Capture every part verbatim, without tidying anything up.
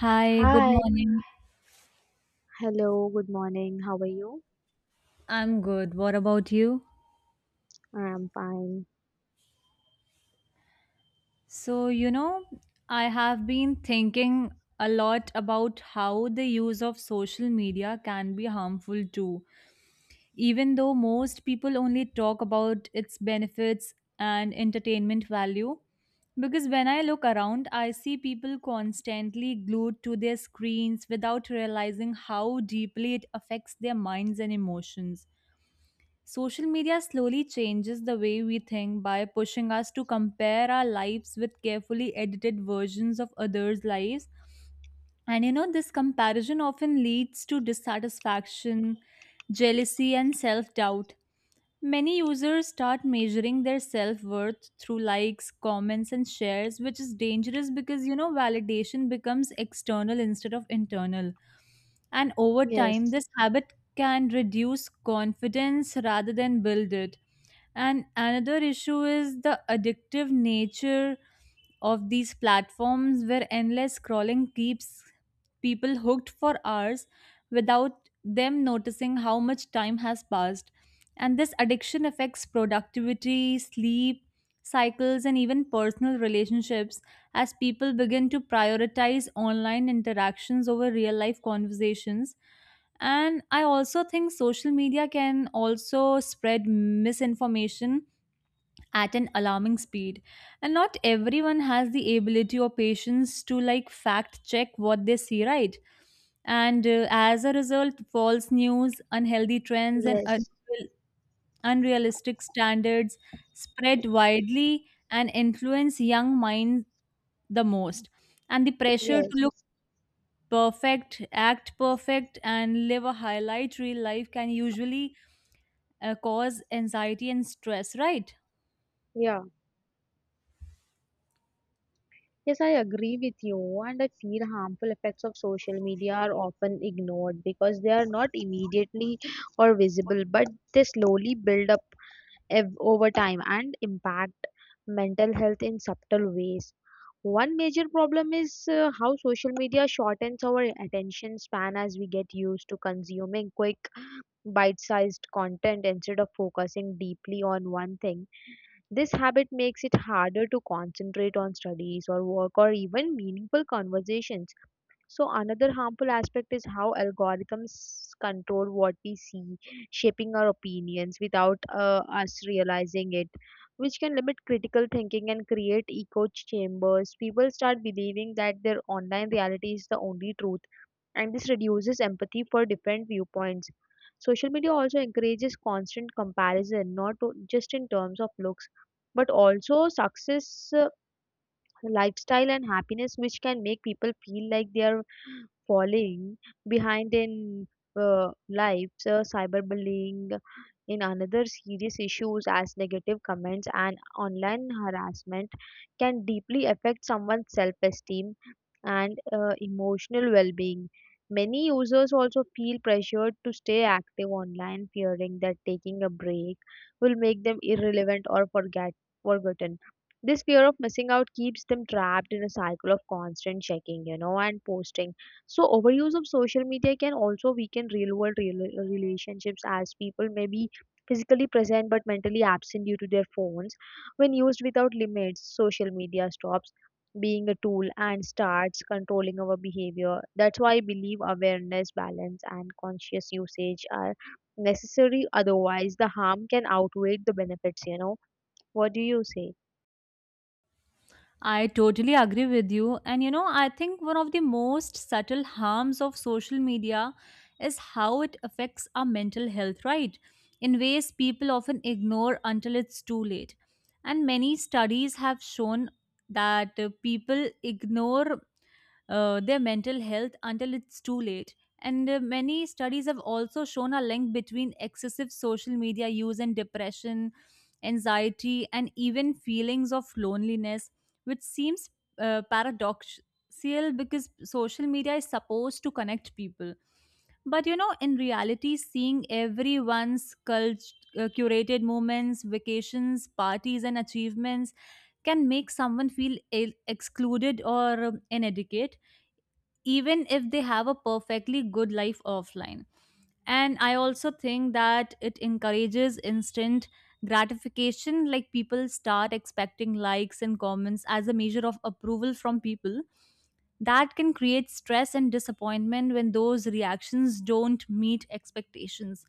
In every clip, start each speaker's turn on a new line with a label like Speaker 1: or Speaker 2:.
Speaker 1: Hi, good
Speaker 2: Hi,
Speaker 1: morning.
Speaker 2: hello, good morning. How are you?
Speaker 1: I'm good. What about you?
Speaker 2: I'm fine.
Speaker 1: So, you know, I have been thinking a lot about how the use of social media can be harmful too. Even though most people only talk about its benefits and entertainment value, because when I look around, I see people constantly glued to their screens without realizing how deeply it affects their minds and emotions. Social media slowly changes the way we think by pushing us to compare our lives with carefully edited versions of others' lives. And you know, this comparison often leads to dissatisfaction, jealousy, and self doubt. Many users start measuring their self worth through likes, comments, and shares, which is dangerous because you know, validation becomes external instead of internal. And over time,
Speaker 2: Yes,
Speaker 1: this habit can reduce confidence rather than build it. And another issue is the addictive nature of these platforms where endless scrolling keeps people hooked for hours without them noticing how much time has passed. And this addiction affects productivity, sleep, cycles, and even personal relationships as people begin to prioritize online interactions over real life conversations. And I also think social media can also spread misinformation at an alarming speed, and not everyone has the ability or patience to like fact check what they see, right? And uh, as a result, false news, unhealthy trends, and
Speaker 2: yes,
Speaker 1: unreal- unrealistic standards spread widely and influence young minds the most. And the pressure to
Speaker 2: yes,
Speaker 1: look perfect, act perfect, and live a highlight real life can usually uh, cause anxiety and stress, right?
Speaker 2: yeah. Yes, I agree with you. And I feel harmful effects of social media are often ignored because they are not immediately or visible, but they slowly build up ev- over time and impact mental health in subtle ways. One major problem is uh, how social media shortens our attention span as we get used to consuming quick bite sized content instead of focusing deeply on one thing. This habit makes it harder to concentrate on studies or work or even meaningful conversations. So another harmful aspect is how algorithms control what we see, shaping our opinions without uh, us realizing it, which can limit critical thinking and create echo chambers. People start believing that their online reality is the only truth, and this reduces empathy for different viewpoints. Social media also encourages constant comparison, not o- just in terms of looks, but also success, uh, lifestyle, and happiness, which can make people feel like they are falling behind in uh, lives. Uh, cyberbullying in another serious issues, as negative comments and online harassment can deeply affect someone's self-esteem and uh, emotional well-being. Many users also feel pressured to stay active online, fearing that taking a break will make them irrelevant or forget forgotten. This fear of missing out keeps them trapped in a cycle of constant checking, you know, and posting. So overuse of social media can also weaken real world rela- relationships, as people may be physically present but mentally absent due to their phones. When used without limits, social media stops being a tool and starts controlling our behavior. That's why I believe awareness, balance, and conscious usage are necessary. Otherwise, the harm can outweigh the benefits, you know. What do you say?
Speaker 1: I totally agree with you. And you know, I think one of the most subtle harms of social media is how it affects our mental health, right? In ways people often ignore until it's too late. And many studies have shown that uh, people ignore uh, their mental health until it's too late. And uh, many studies have also shown a link between excessive social media use and depression, anxiety, and even feelings of loneliness, which seems uh, paradoxical because social media is supposed to connect people. But you know, in reality, seeing everyone's cult- uh, curated moments, vacations, parties, and achievements can make someone feel ill- excluded or um, inadequate even if they have a perfectly good life offline. And I also think that it encourages instant gratification, like people start expecting likes and comments as a measure of approval from people. That can create stress and disappointment when those reactions don't meet expectations.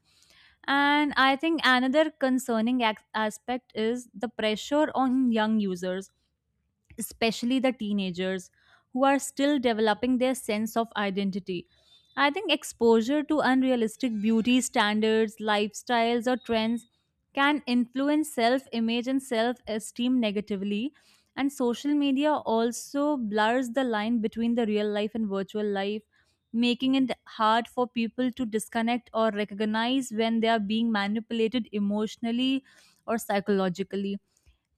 Speaker 1: And I think another concerning ac- aspect is the pressure on young users, especially the teenagers, who are still developing their sense of identity. I think exposure to unrealistic beauty standards, lifestyles, or trends can influence self image and self esteem negatively. And social media also blurs the line between the real life and virtual life, making it hard for people to disconnect or recognize when they are being manipulated emotionally or psychologically.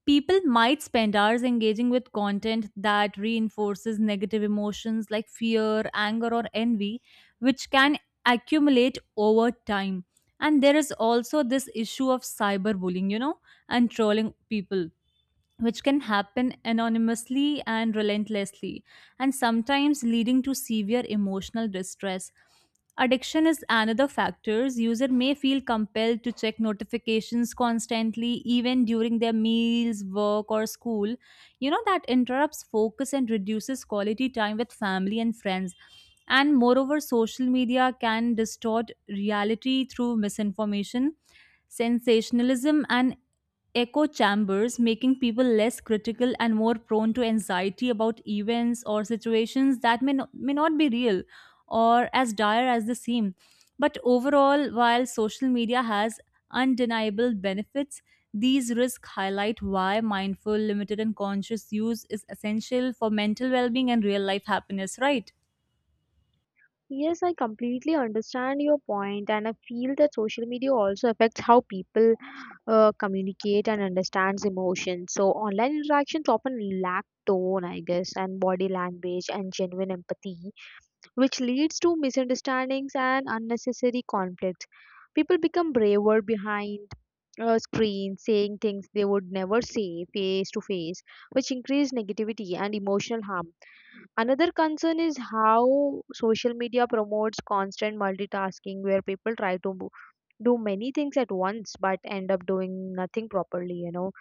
Speaker 1: People might spend hours engaging with content that reinforces negative emotions like fear, anger, or envy, which can accumulate over time. And there is also this issue of cyberbullying, you know, and trolling people, which can happen anonymously and relentlessly, and sometimes leading to severe emotional distress. Addiction is another factor. User may feel compelled to check notifications constantly, even during their meals, work, or school. You know, that interrupts focus and reduces quality time with family and friends. And moreover, social media can distort reality through misinformation, sensationalism, and echo chambers, making people less critical and more prone to anxiety about events or situations that may, no- may not be real or as dire as they seem. But overall, while social media has undeniable benefits, these risks highlight why mindful, limited, and conscious use is essential for mental well being and real life happiness, right?
Speaker 2: Yes, I completely understand your point, and I feel that social media also affects how people uh, communicate and understands emotions. So online interactions often lack tone, I guess, and body language and genuine empathy, which leads to misunderstandings and unnecessary conflicts. People become braver behind a screen, saying things they would never say face to face, which increase negativity and emotional harm. Another concern is how social media promotes constant multitasking, where people try to mo- do many things at once but end up doing nothing properly, you know.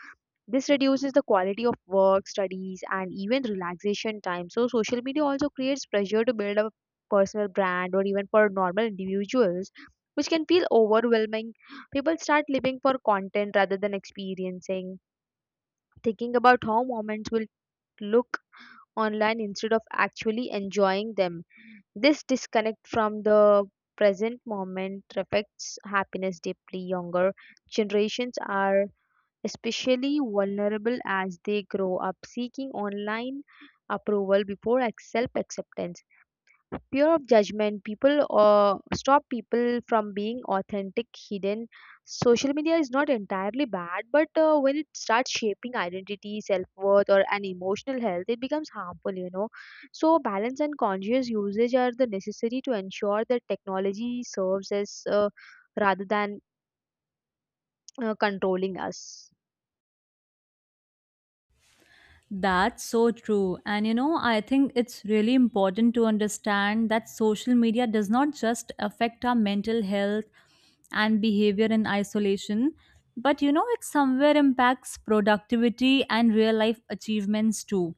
Speaker 2: This reduces the quality of work, studies, and even relaxation time. So social media also creates pressure to build a personal brand or even for normal individuals, which can feel overwhelming. People start living for content rather than experiencing, thinking about how moments will look online instead of actually enjoying them. This disconnect from the present moment affects happiness deeply. Younger generations are especially vulnerable, as they grow up seeking online approval before self acceptance. Fear of judgment people or stop people from being authentic hidden. Social media is not entirely bad, but uh, when it starts shaping identity, self-worth, or an emotional health, it becomes harmful, you know. So balance and conscious usage are the necessary to ensure that technology serves as, uh, rather than uh, controlling us.
Speaker 1: That's so true. And you know, I think it's really important to understand that social media does not just affect our mental health and behavior in isolation, but you know, it somewhere impacts productivity and real life achievements too.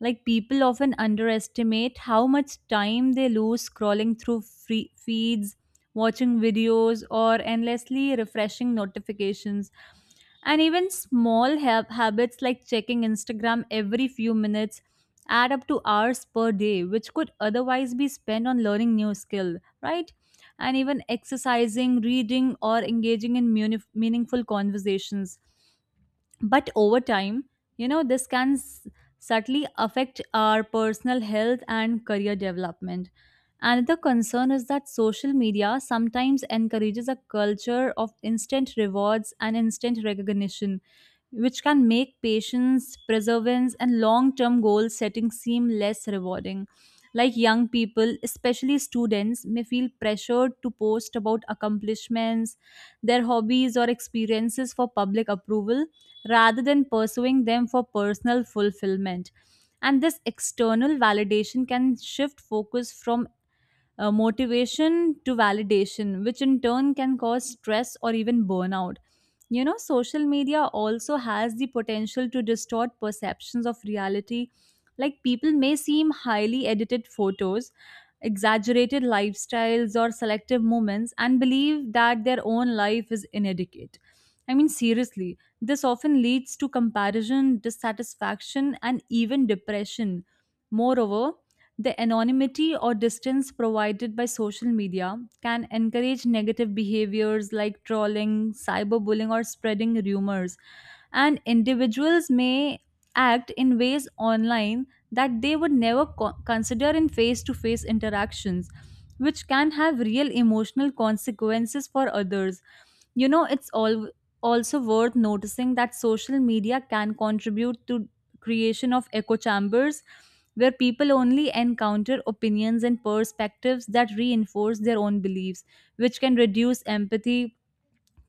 Speaker 1: Like people often underestimate how much time they lose scrolling through free feeds, watching videos, or endlessly refreshing notifications. And even small hab- habits like checking Instagram every few minutes add up to hours per day, which could otherwise be spent on learning new skill, right? And even exercising, reading, or engaging in muni- meaningful conversations, but over time, you know, this can s- subtly affect our personal health and career development. Another concern is that social media sometimes encourages a culture of instant rewards and instant recognition, which can make patience, perseverance, and long term goal setting seem less rewarding. Like young people, especially students, may feel pressured to post about accomplishments, their hobbies, or experiences for public approval rather than pursuing them for personal fulfillment. And this external validation can shift focus from uh, motivation to validation, which in turn can cause stress or even burnout. You know, social media also has the potential to distort perceptions of reality. Like, people may seem highly edited photos, exaggerated lifestyles, or selective moments and believe that their own life is inadequate. I mean, seriously, this often leads to comparison, dissatisfaction, and even depression. Moreover, the anonymity or distance provided by social media can encourage negative behaviors like trolling, cyberbullying, or spreading rumors. And individuals may act in ways online that they would never co- consider in face to face interactions, which can have real emotional consequences for others. You know, it's all also worth noticing that social media can contribute to creation of echo chambers where people only encounter opinions and perspectives that reinforce their own beliefs, which can reduce empathy,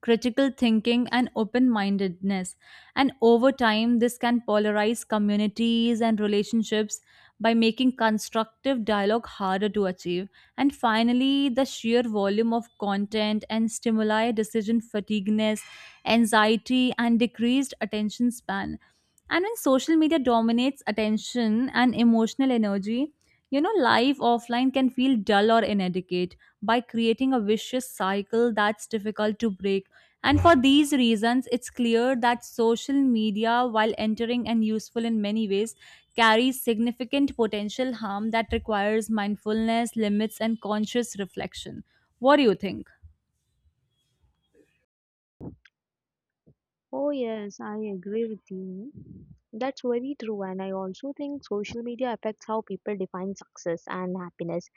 Speaker 1: critical thinking, and open mindedness. And over time, this can polarize communities and relationships by making constructive dialogue harder to achieve. And finally, the sheer volume of content and stimuli, decision fatigueness, anxiety, and decreased attention span. And when social media dominates attention and emotional energy, you know, life offline can feel dull or inadequate by creating a vicious cycle that's difficult to break. And for these reasons, it's clear that social media, while entering and useful in many ways, carries significant potential harm that requires mindfulness, limits, and conscious reflection. What do you think?
Speaker 2: Oh, yes, I agree with you. That's very true. And I also think social media affects how people define success and happiness.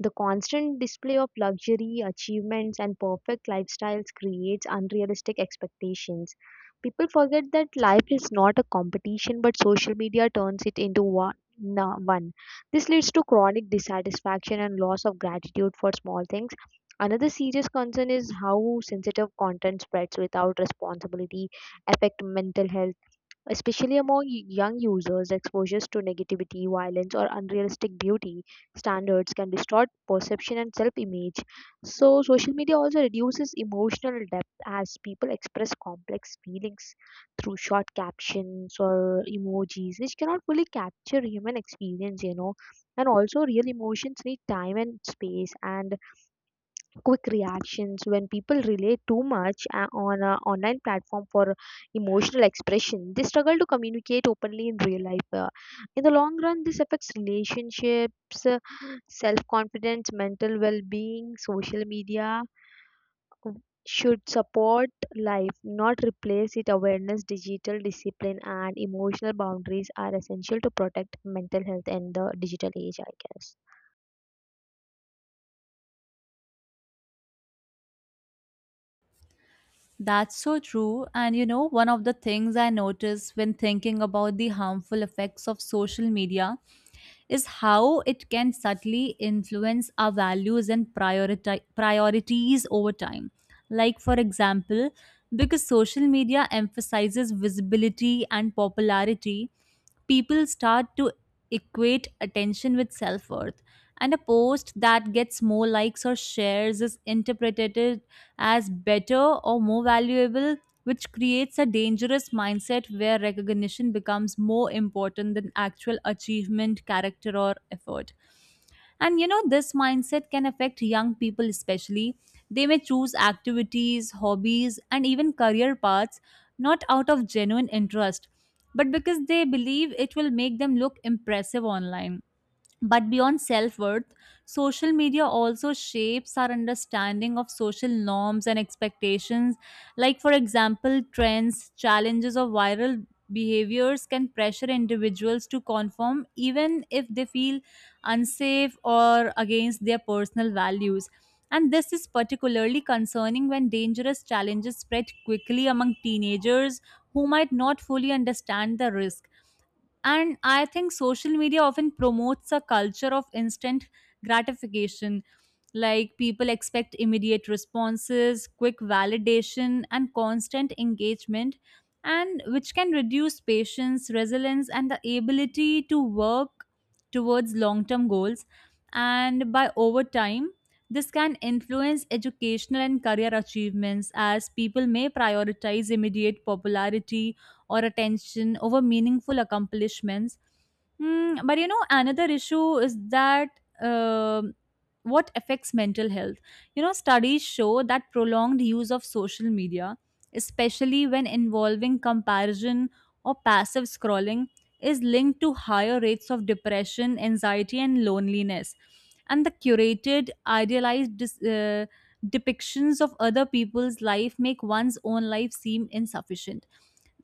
Speaker 2: The constant display of luxury, achievements, and perfect lifestyles creates unrealistic expectations. People forget that life is not a competition, but social media turns it into one. na- one. This leads to chronic dissatisfaction and loss of gratitude for small things. Another serious concern is how sensitive content spreads without responsibility, affect mental health. Especially among y- young users, exposures to negativity, violence, or unrealistic beauty standards can distort perception and self image. So social media also reduces emotional depth, as people express complex feelings through short captions or emojis, which cannot fully capture human experience, you know. And also, real emotions need time and space, and quick reactions. When people rely too much uh, on an online platform for emotional expression, they struggle to communicate openly in real life. Uh, in the long run, this affects relationships, uh, self confidence, mental well being. Social media should support life, not replace it. Awareness, digital discipline, and emotional boundaries are essential to protect mental health in the digital age, I guess.
Speaker 1: That's so true. And you know, one of the things I notice when thinking about the harmful effects of social media is how it can subtly influence our values and prioriti- priorities over time. Like, for example, because social media emphasizes visibility and popularity, people start to equate attention with self worth. And a post that gets more likes or shares is interpreted as better or more valuable, which creates a dangerous mindset where recognition becomes more important than actual achievement, character, or effort. And you know, this mindset can affect young people especially. They may choose activities, hobbies, and even career paths not out of genuine interest, but because they believe it will make them look impressive online. But beyond self worth, social media also shapes our understanding of social norms and expectations. Like, for example, trends, challenges, or viral behaviors can pressure individuals to conform even if they feel unsafe or against their personal values. And this is particularly concerning when dangerous challenges spread quickly among teenagers who might not fully understand the risk. And I think social media often promotes a culture of instant gratification. Like people expect immediate responses, quick validation, and constant engagement, and which can reduce patience, resilience, and the ability to work towards long term goals. And by over time, this can influence educational and career achievements as people may prioritize immediate popularity or attention over meaningful accomplishments. Mm, but you know, another issue is that um what affects mental health. You know, studies show that prolonged use of social media, especially when involving comparison or passive scrolling, is linked to higher rates of depression, anxiety, and loneliness. And the curated, idealized dis- uh, depictions of other people's life make one's own life seem insufficient,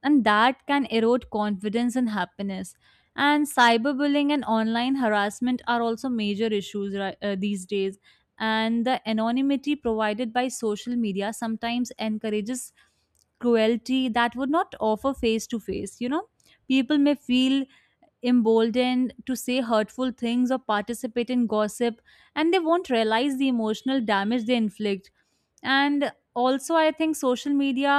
Speaker 1: and that can erode confidence and happiness. And cyberbullying and online harassment are also major issues ri- uh, these days. And the anonymity provided by social media sometimes encourages cruelty that would not offer face to face, you know. People may feel emboldened to say hurtful things or participate in gossip, and they won't realize the emotional damage they inflict. And also, I think social media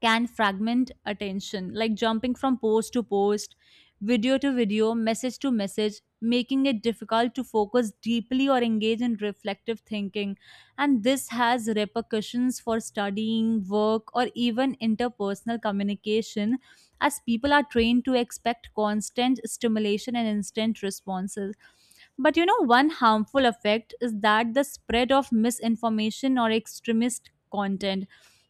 Speaker 1: can fragment attention, like jumping from post to post, video to video, message to message, making it difficult to focus deeply or engage in reflective thinking. And this has repercussions for studying, work, or even interpersonal communication, as people are trained to expect constant stimulation and instant responses. But you know, one harmful effect is that the spread of misinformation or extremist content,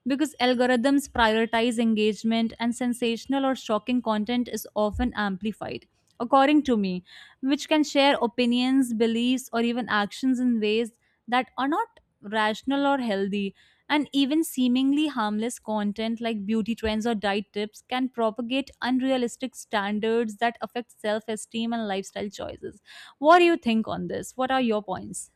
Speaker 1: because algorithms prioritize engagement and sensational or shocking content is often amplified according to me, which can share opinions, beliefs, or even actions in ways that are not rational or healthy. And even seemingly harmless content like beauty trends or diet tips can propagate unrealistic standards that affect self-esteem and lifestyle choices. What do you think on this? What are your points?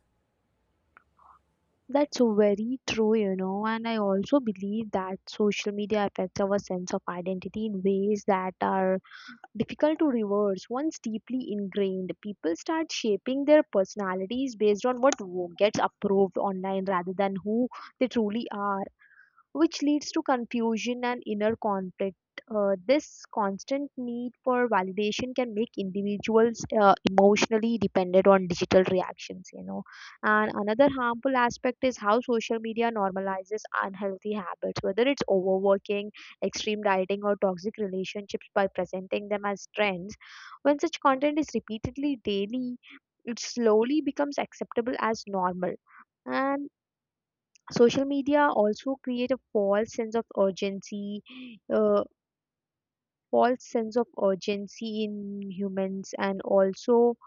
Speaker 2: That's very true, you know, and I also believe that social media affects our sense of identity in ways that are difficult to reverse. Once deeply ingrained, people start shaping their personalities based on what wo- gets approved online rather than who they truly are, which leads to confusion and inner conflict. Uh, this constant need for validation can make individuals uh, emotionally dependent on digital reactions, you know. And another harmful aspect is how social media normalizes unhealthy habits, whether it's overworking, extreme dieting, or toxic relationships, by presenting them as trends. When such content is repeatedly daily, it slowly becomes acceptable as normal. And social media also create a false sense of urgency, uh, false sense of urgency in humans, and also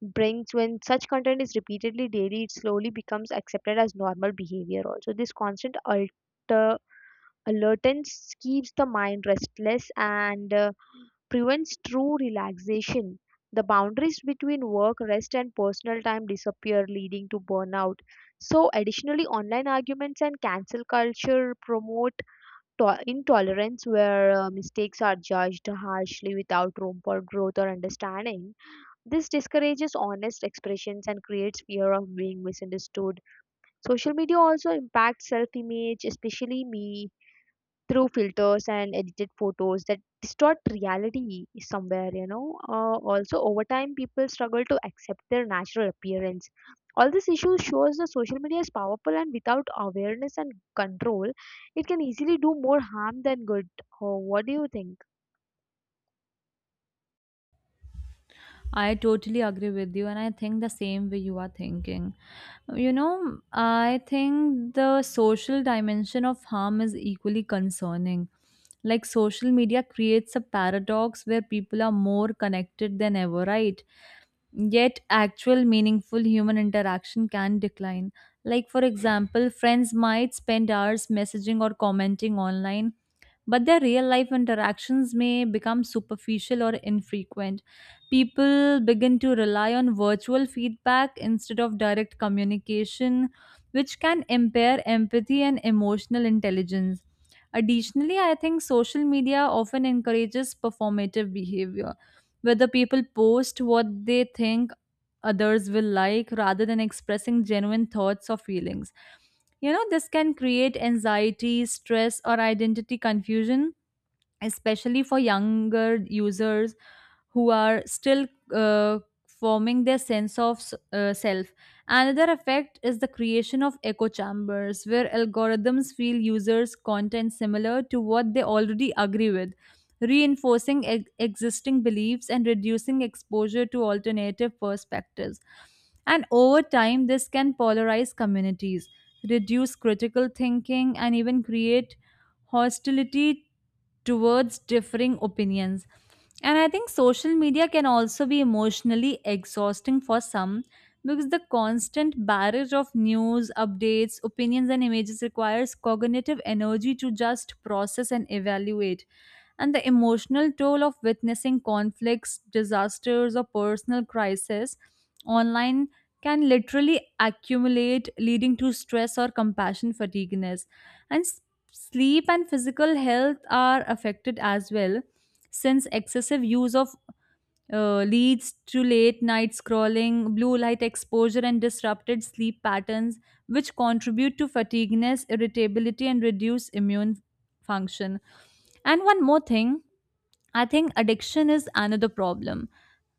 Speaker 2: brings when such content is repeatedly daily, it slowly becomes accepted as normal behavior. Also, this constant alter alertness keeps the mind restless and uh, prevents true relaxation. The boundaries between work, rest, and personal time disappear, leading to burnout. So additionally, online arguments and cancel culture promote to- intolerance, where uh, mistakes are judged harshly without room for growth or understanding. This discourages honest expressions and creates fear of being misunderstood. Social media also impacts self image, especially me, through filters and edited photos that distort reality somewhere, you know. Uh, also, over time, people struggle to accept their natural appearance. All this issue shows that social media is powerful, and without awareness and control, it can easily do more harm than good. Oh, what do you think?
Speaker 1: I totally agree with you, and I think the same way you are thinking. You know, I think the social dimension of harm is equally concerning. Like, social media creates a paradox where people are more connected than ever, right? Yet, actual meaningful human interaction can decline. Like, for example, friends might spend hours messaging or commenting online, but their real life interactions may become superficial or infrequent. People begin to rely on virtual feedback instead of direct communication, which can impair empathy and emotional intelligence. Additionally, I think social media often encourages performative behavior whether people post what they think others will like rather than expressing genuine thoughts or feelings. You know, this can create anxiety, stress, or identity confusion, especially for younger users who are still uh, forming their sense of s- uh, self. Another effect is the creation of echo chambers, where algorithms feel users' content similar to what they already agree with, reinforcing ex- existing beliefs and reducing exposure to alternative perspectives. And over time, this can polarize communities, reduce critical thinking, and even create hostility towards differing opinions. And I think social media can also be emotionally exhausting for some, because the constant barrage of news, updates, opinions, and images requires cognitive energy to just process and evaluate, and the emotional toll of witnessing conflicts, disasters, or personal crisis online can literally accumulate, leading to stress or compassion fatigueness. And s- Sleep and physical health are affected as well, since excessive use of uh, leads to late night scrolling, blue light exposure, and disrupted sleep patterns, which contribute to fatigueness, irritability, and reduce immune function. And one more thing, I think addiction is another problem.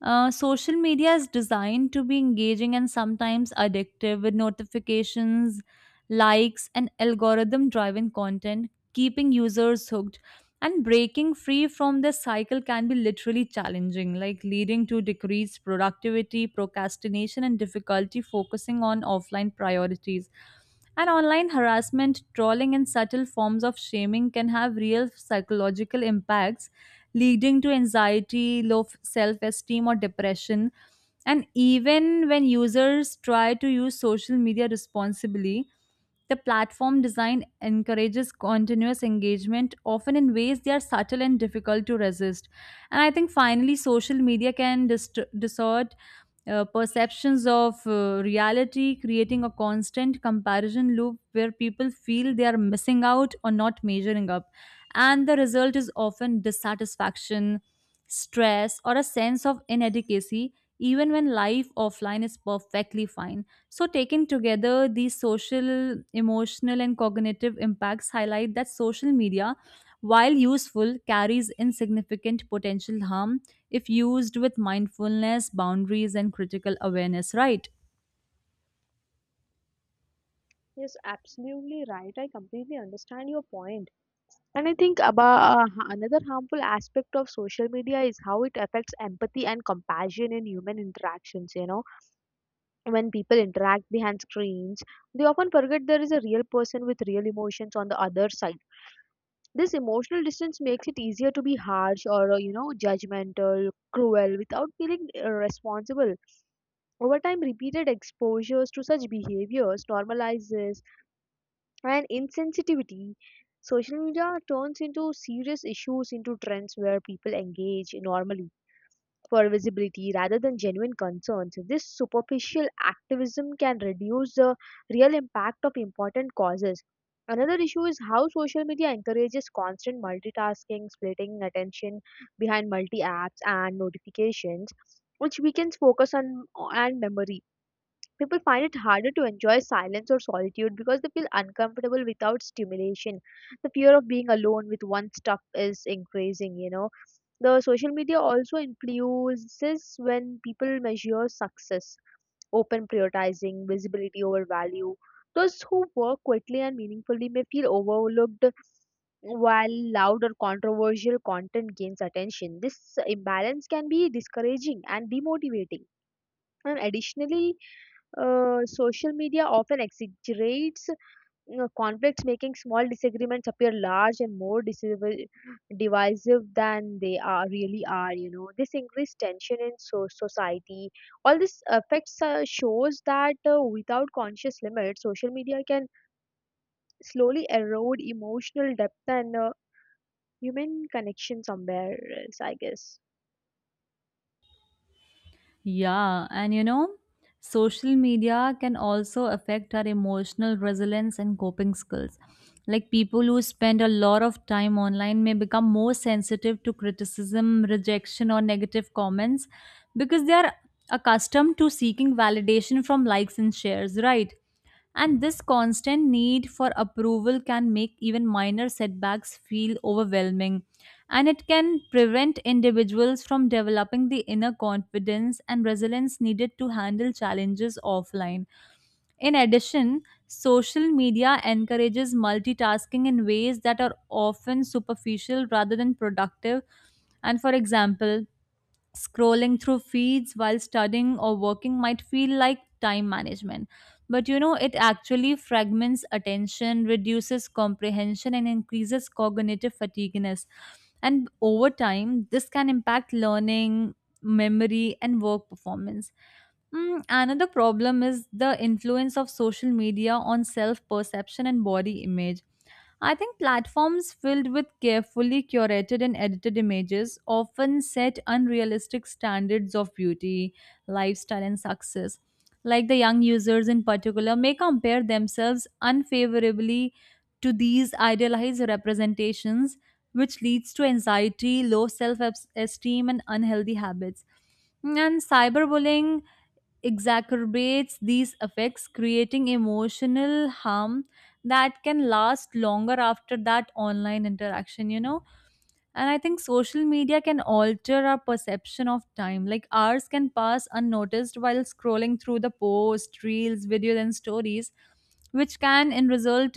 Speaker 1: Uh, social media is designed to be engaging and sometimes addictive, with notifications, likes, and algorithm driven content keeping users hooked. And breaking free from this cycle can be literally challenging, like leading to decreased productivity, procrastination, and difficulty focusing on offline priorities. And online harassment, trolling, and subtle forms of shaming can have real psychological impacts, leading to anxiety, low self esteem, or depression. And even when users try to use social media responsibly, the platform design encourages continuous engagement, often in ways they are subtle and difficult to resist. And I think finally, social media can dist- distort uh, perceptions of uh, reality, creating a constant comparison loop where people feel they are missing out or not measuring up, and the result is often dissatisfaction, stress, or a sense of inadequacy, even when life offline is perfectly fine. So, taken together, these social, emotional, and cognitive impacts highlight that social media, while useful, carries insignificant potential harm if used with mindfulness, boundaries, and critical awareness, right?
Speaker 2: Yes, absolutely right. I completely understand your point. And I think about, uh, ha- another harmful aspect of social media is how it affects empathy and compassion in human interactions, you know. When people interact behind screens, they often forget there is a real person with real emotions on the other side. This emotional distance makes it easier to be harsh or, uh, you know, judgmental, cruel without feeling uh, responsible. Over time, repeated exposures to such behaviors normalizes and insensitivity. Social media turns into serious issues into trends, where people engage normally for visibility rather than genuine concerns. This superficial activism can reduce the real impact of important causes. Another issue is how social media encourages constant multitasking, splitting attention behind multi apps and notifications, which weakens focus on and memory. People find it harder to enjoy silence or solitude because they feel uncomfortable without stimulation. The fear of being alone with one's stuff is increasing, you know. The social media also influences when people measure success, open prioritizing visibility over value. Those who work quickly and meaningfully may feel overlooked, while loud or controversial content gains attention. This imbalance can be discouraging and demotivating. And additionally, uh, social media often exaggerates, you know, conflicts, making small disagreements appear large and more disiv- divisive than they are really are, you know. This increased tension in so- society. All this affects, uh, shows that, uh, without conscious limits, social media can slowly erode emotional depth and uh, human connection somewhere else, I guess.
Speaker 1: Yeah, and you know, social media can also affect our emotional resilience and coping skills. Like, people who spend a lot of time online may become more sensitive to criticism, rejection, or negative comments because they are accustomed to seeking validation from likes and shares, right? And this constant need for approval can make even minor setbacks feel overwhelming, and it can prevent individuals from developing the inner confidence and resilience needed to handle challenges offline. In addition, social media encourages multitasking in ways that are often superficial rather than productive. And for example, scrolling through feeds while studying or working might feel like time management, but you know, it actually fragments attention, reduces comprehension, and increases cognitive fatigueness. And over time, this can impact learning, memory, and work performance. Mm, another problem is the influence of social media on self perception and body image. I think platforms filled with carefully curated and edited images often set unrealistic standards of beauty, lifestyle, and success. Like, the young users in particular may compare themselves unfavorably to these idealized representations, which leads to anxiety, low self esteem, and unhealthy habits. And cyberbullying exacerbates these effects, creating emotional harm that can last longer after that online interaction, you know. And I think social media can alter our perception of time. Like, hours can pass unnoticed while scrolling through the posts, reels, videos, and stories, which can in result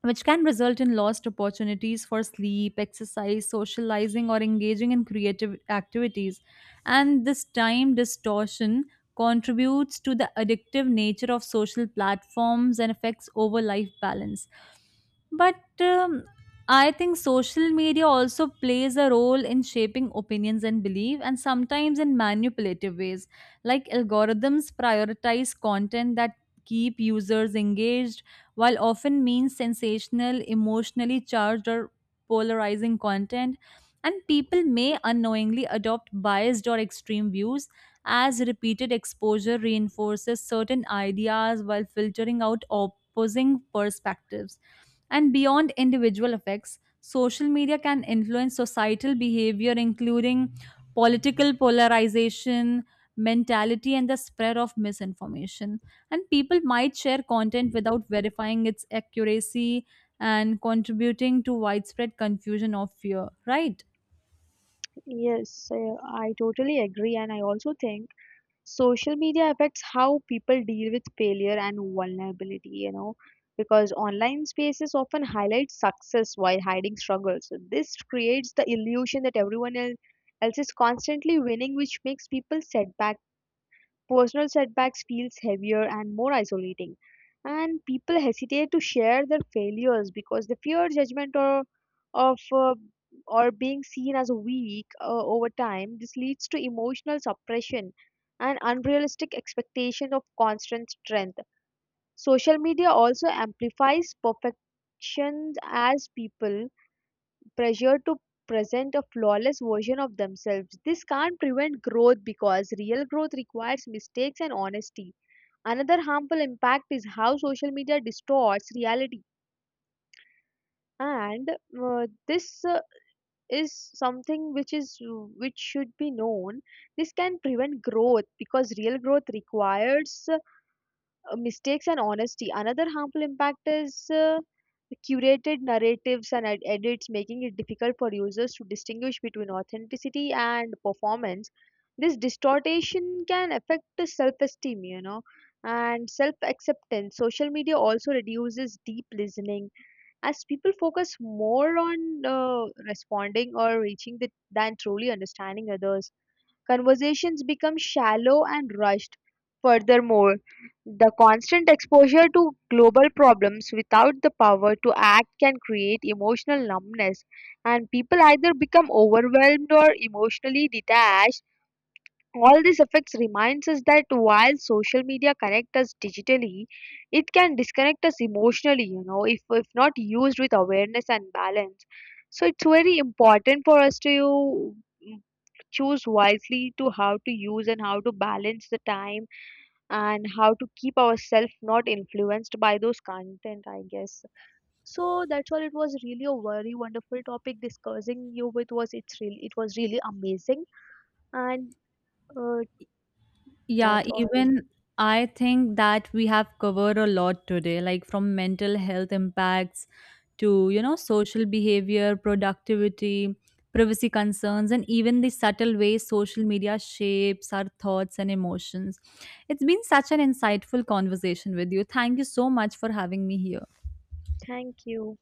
Speaker 1: which can result in lost opportunities for sleep, exercise, socializing, or engaging in creative activities. And this time distortion contributes to the addictive nature of social platforms and affects over life balance. But um, I think social media also plays a role in shaping opinions and belief, and sometimes in manipulative ways. Like, algorithms prioritize content that keep users engaged, while often means sensational, emotionally charged, or polarizing content. And people may unknowingly adopt biased or extreme views as repeated exposure reinforces certain ideas while filtering out opposing perspectives. And beyond individual effects, social media can influence societal behavior, including political polarization, mentality, and the spread of misinformation. And people might share content without verifying its accuracy and contributing to widespread confusion or fear, right?
Speaker 2: Yes. uh, I totally agree, and I also think social media affects how people deal with failure and vulnerability, you know, because online spaces often highlight success while hiding struggles. So this creates the illusion that everyone el- else is constantly winning, which makes people setbacks personal setbacks feels heavier and more isolating, and people hesitate to share their failures because they fear judgment, or of uh, or being seen as weak. Uh, over time, this leads to emotional suppression and unrealistic expectation of constant strength. Social media also amplifies perfections as people pressure to present a flawless version of themselves. This can't prevent growth, because real growth requires mistakes and honesty. Another harmful impact is how social media distorts reality. And uh, this uh, is something which is which should be known. This can prevent growth because real growth requires, uh, uh, mistakes and honesty. Another harmful impact is uh, curated narratives and ed- edits, making it difficult for users to distinguish between authenticity and performance. This distortion can affect the self-esteem, you know, and self-acceptance. Social media also reduces deep listening, as people focus more on uh, responding or reaching the, than truly understanding others. Conversations become shallow and rushed. Furthermore, the constant exposure to global problems without the power to act can create emotional numbness, and people either become overwhelmed or emotionally detached. All these effects reminds us that while social media connect us digitally, it can disconnect us emotionally, you know, if if not used with awareness and balance. So it's very important for us to you, mm, choose wisely to how to use and how to balance the time and how to keep ourselves not influenced by those content, I guess. So that's all. It was really a very wonderful topic discussing you with. Was it's really, it was really amazing. And uh,
Speaker 1: Yeah,
Speaker 2: that's all.
Speaker 1: even I think that we have covered a lot today, like from mental health impacts to, you know, social behavior, productivity, privacy concerns, and even the subtle ways social media shapes our thoughts and emotions. It's been such an insightful conversation with you. Thank you so much for having me here.
Speaker 2: Thank you.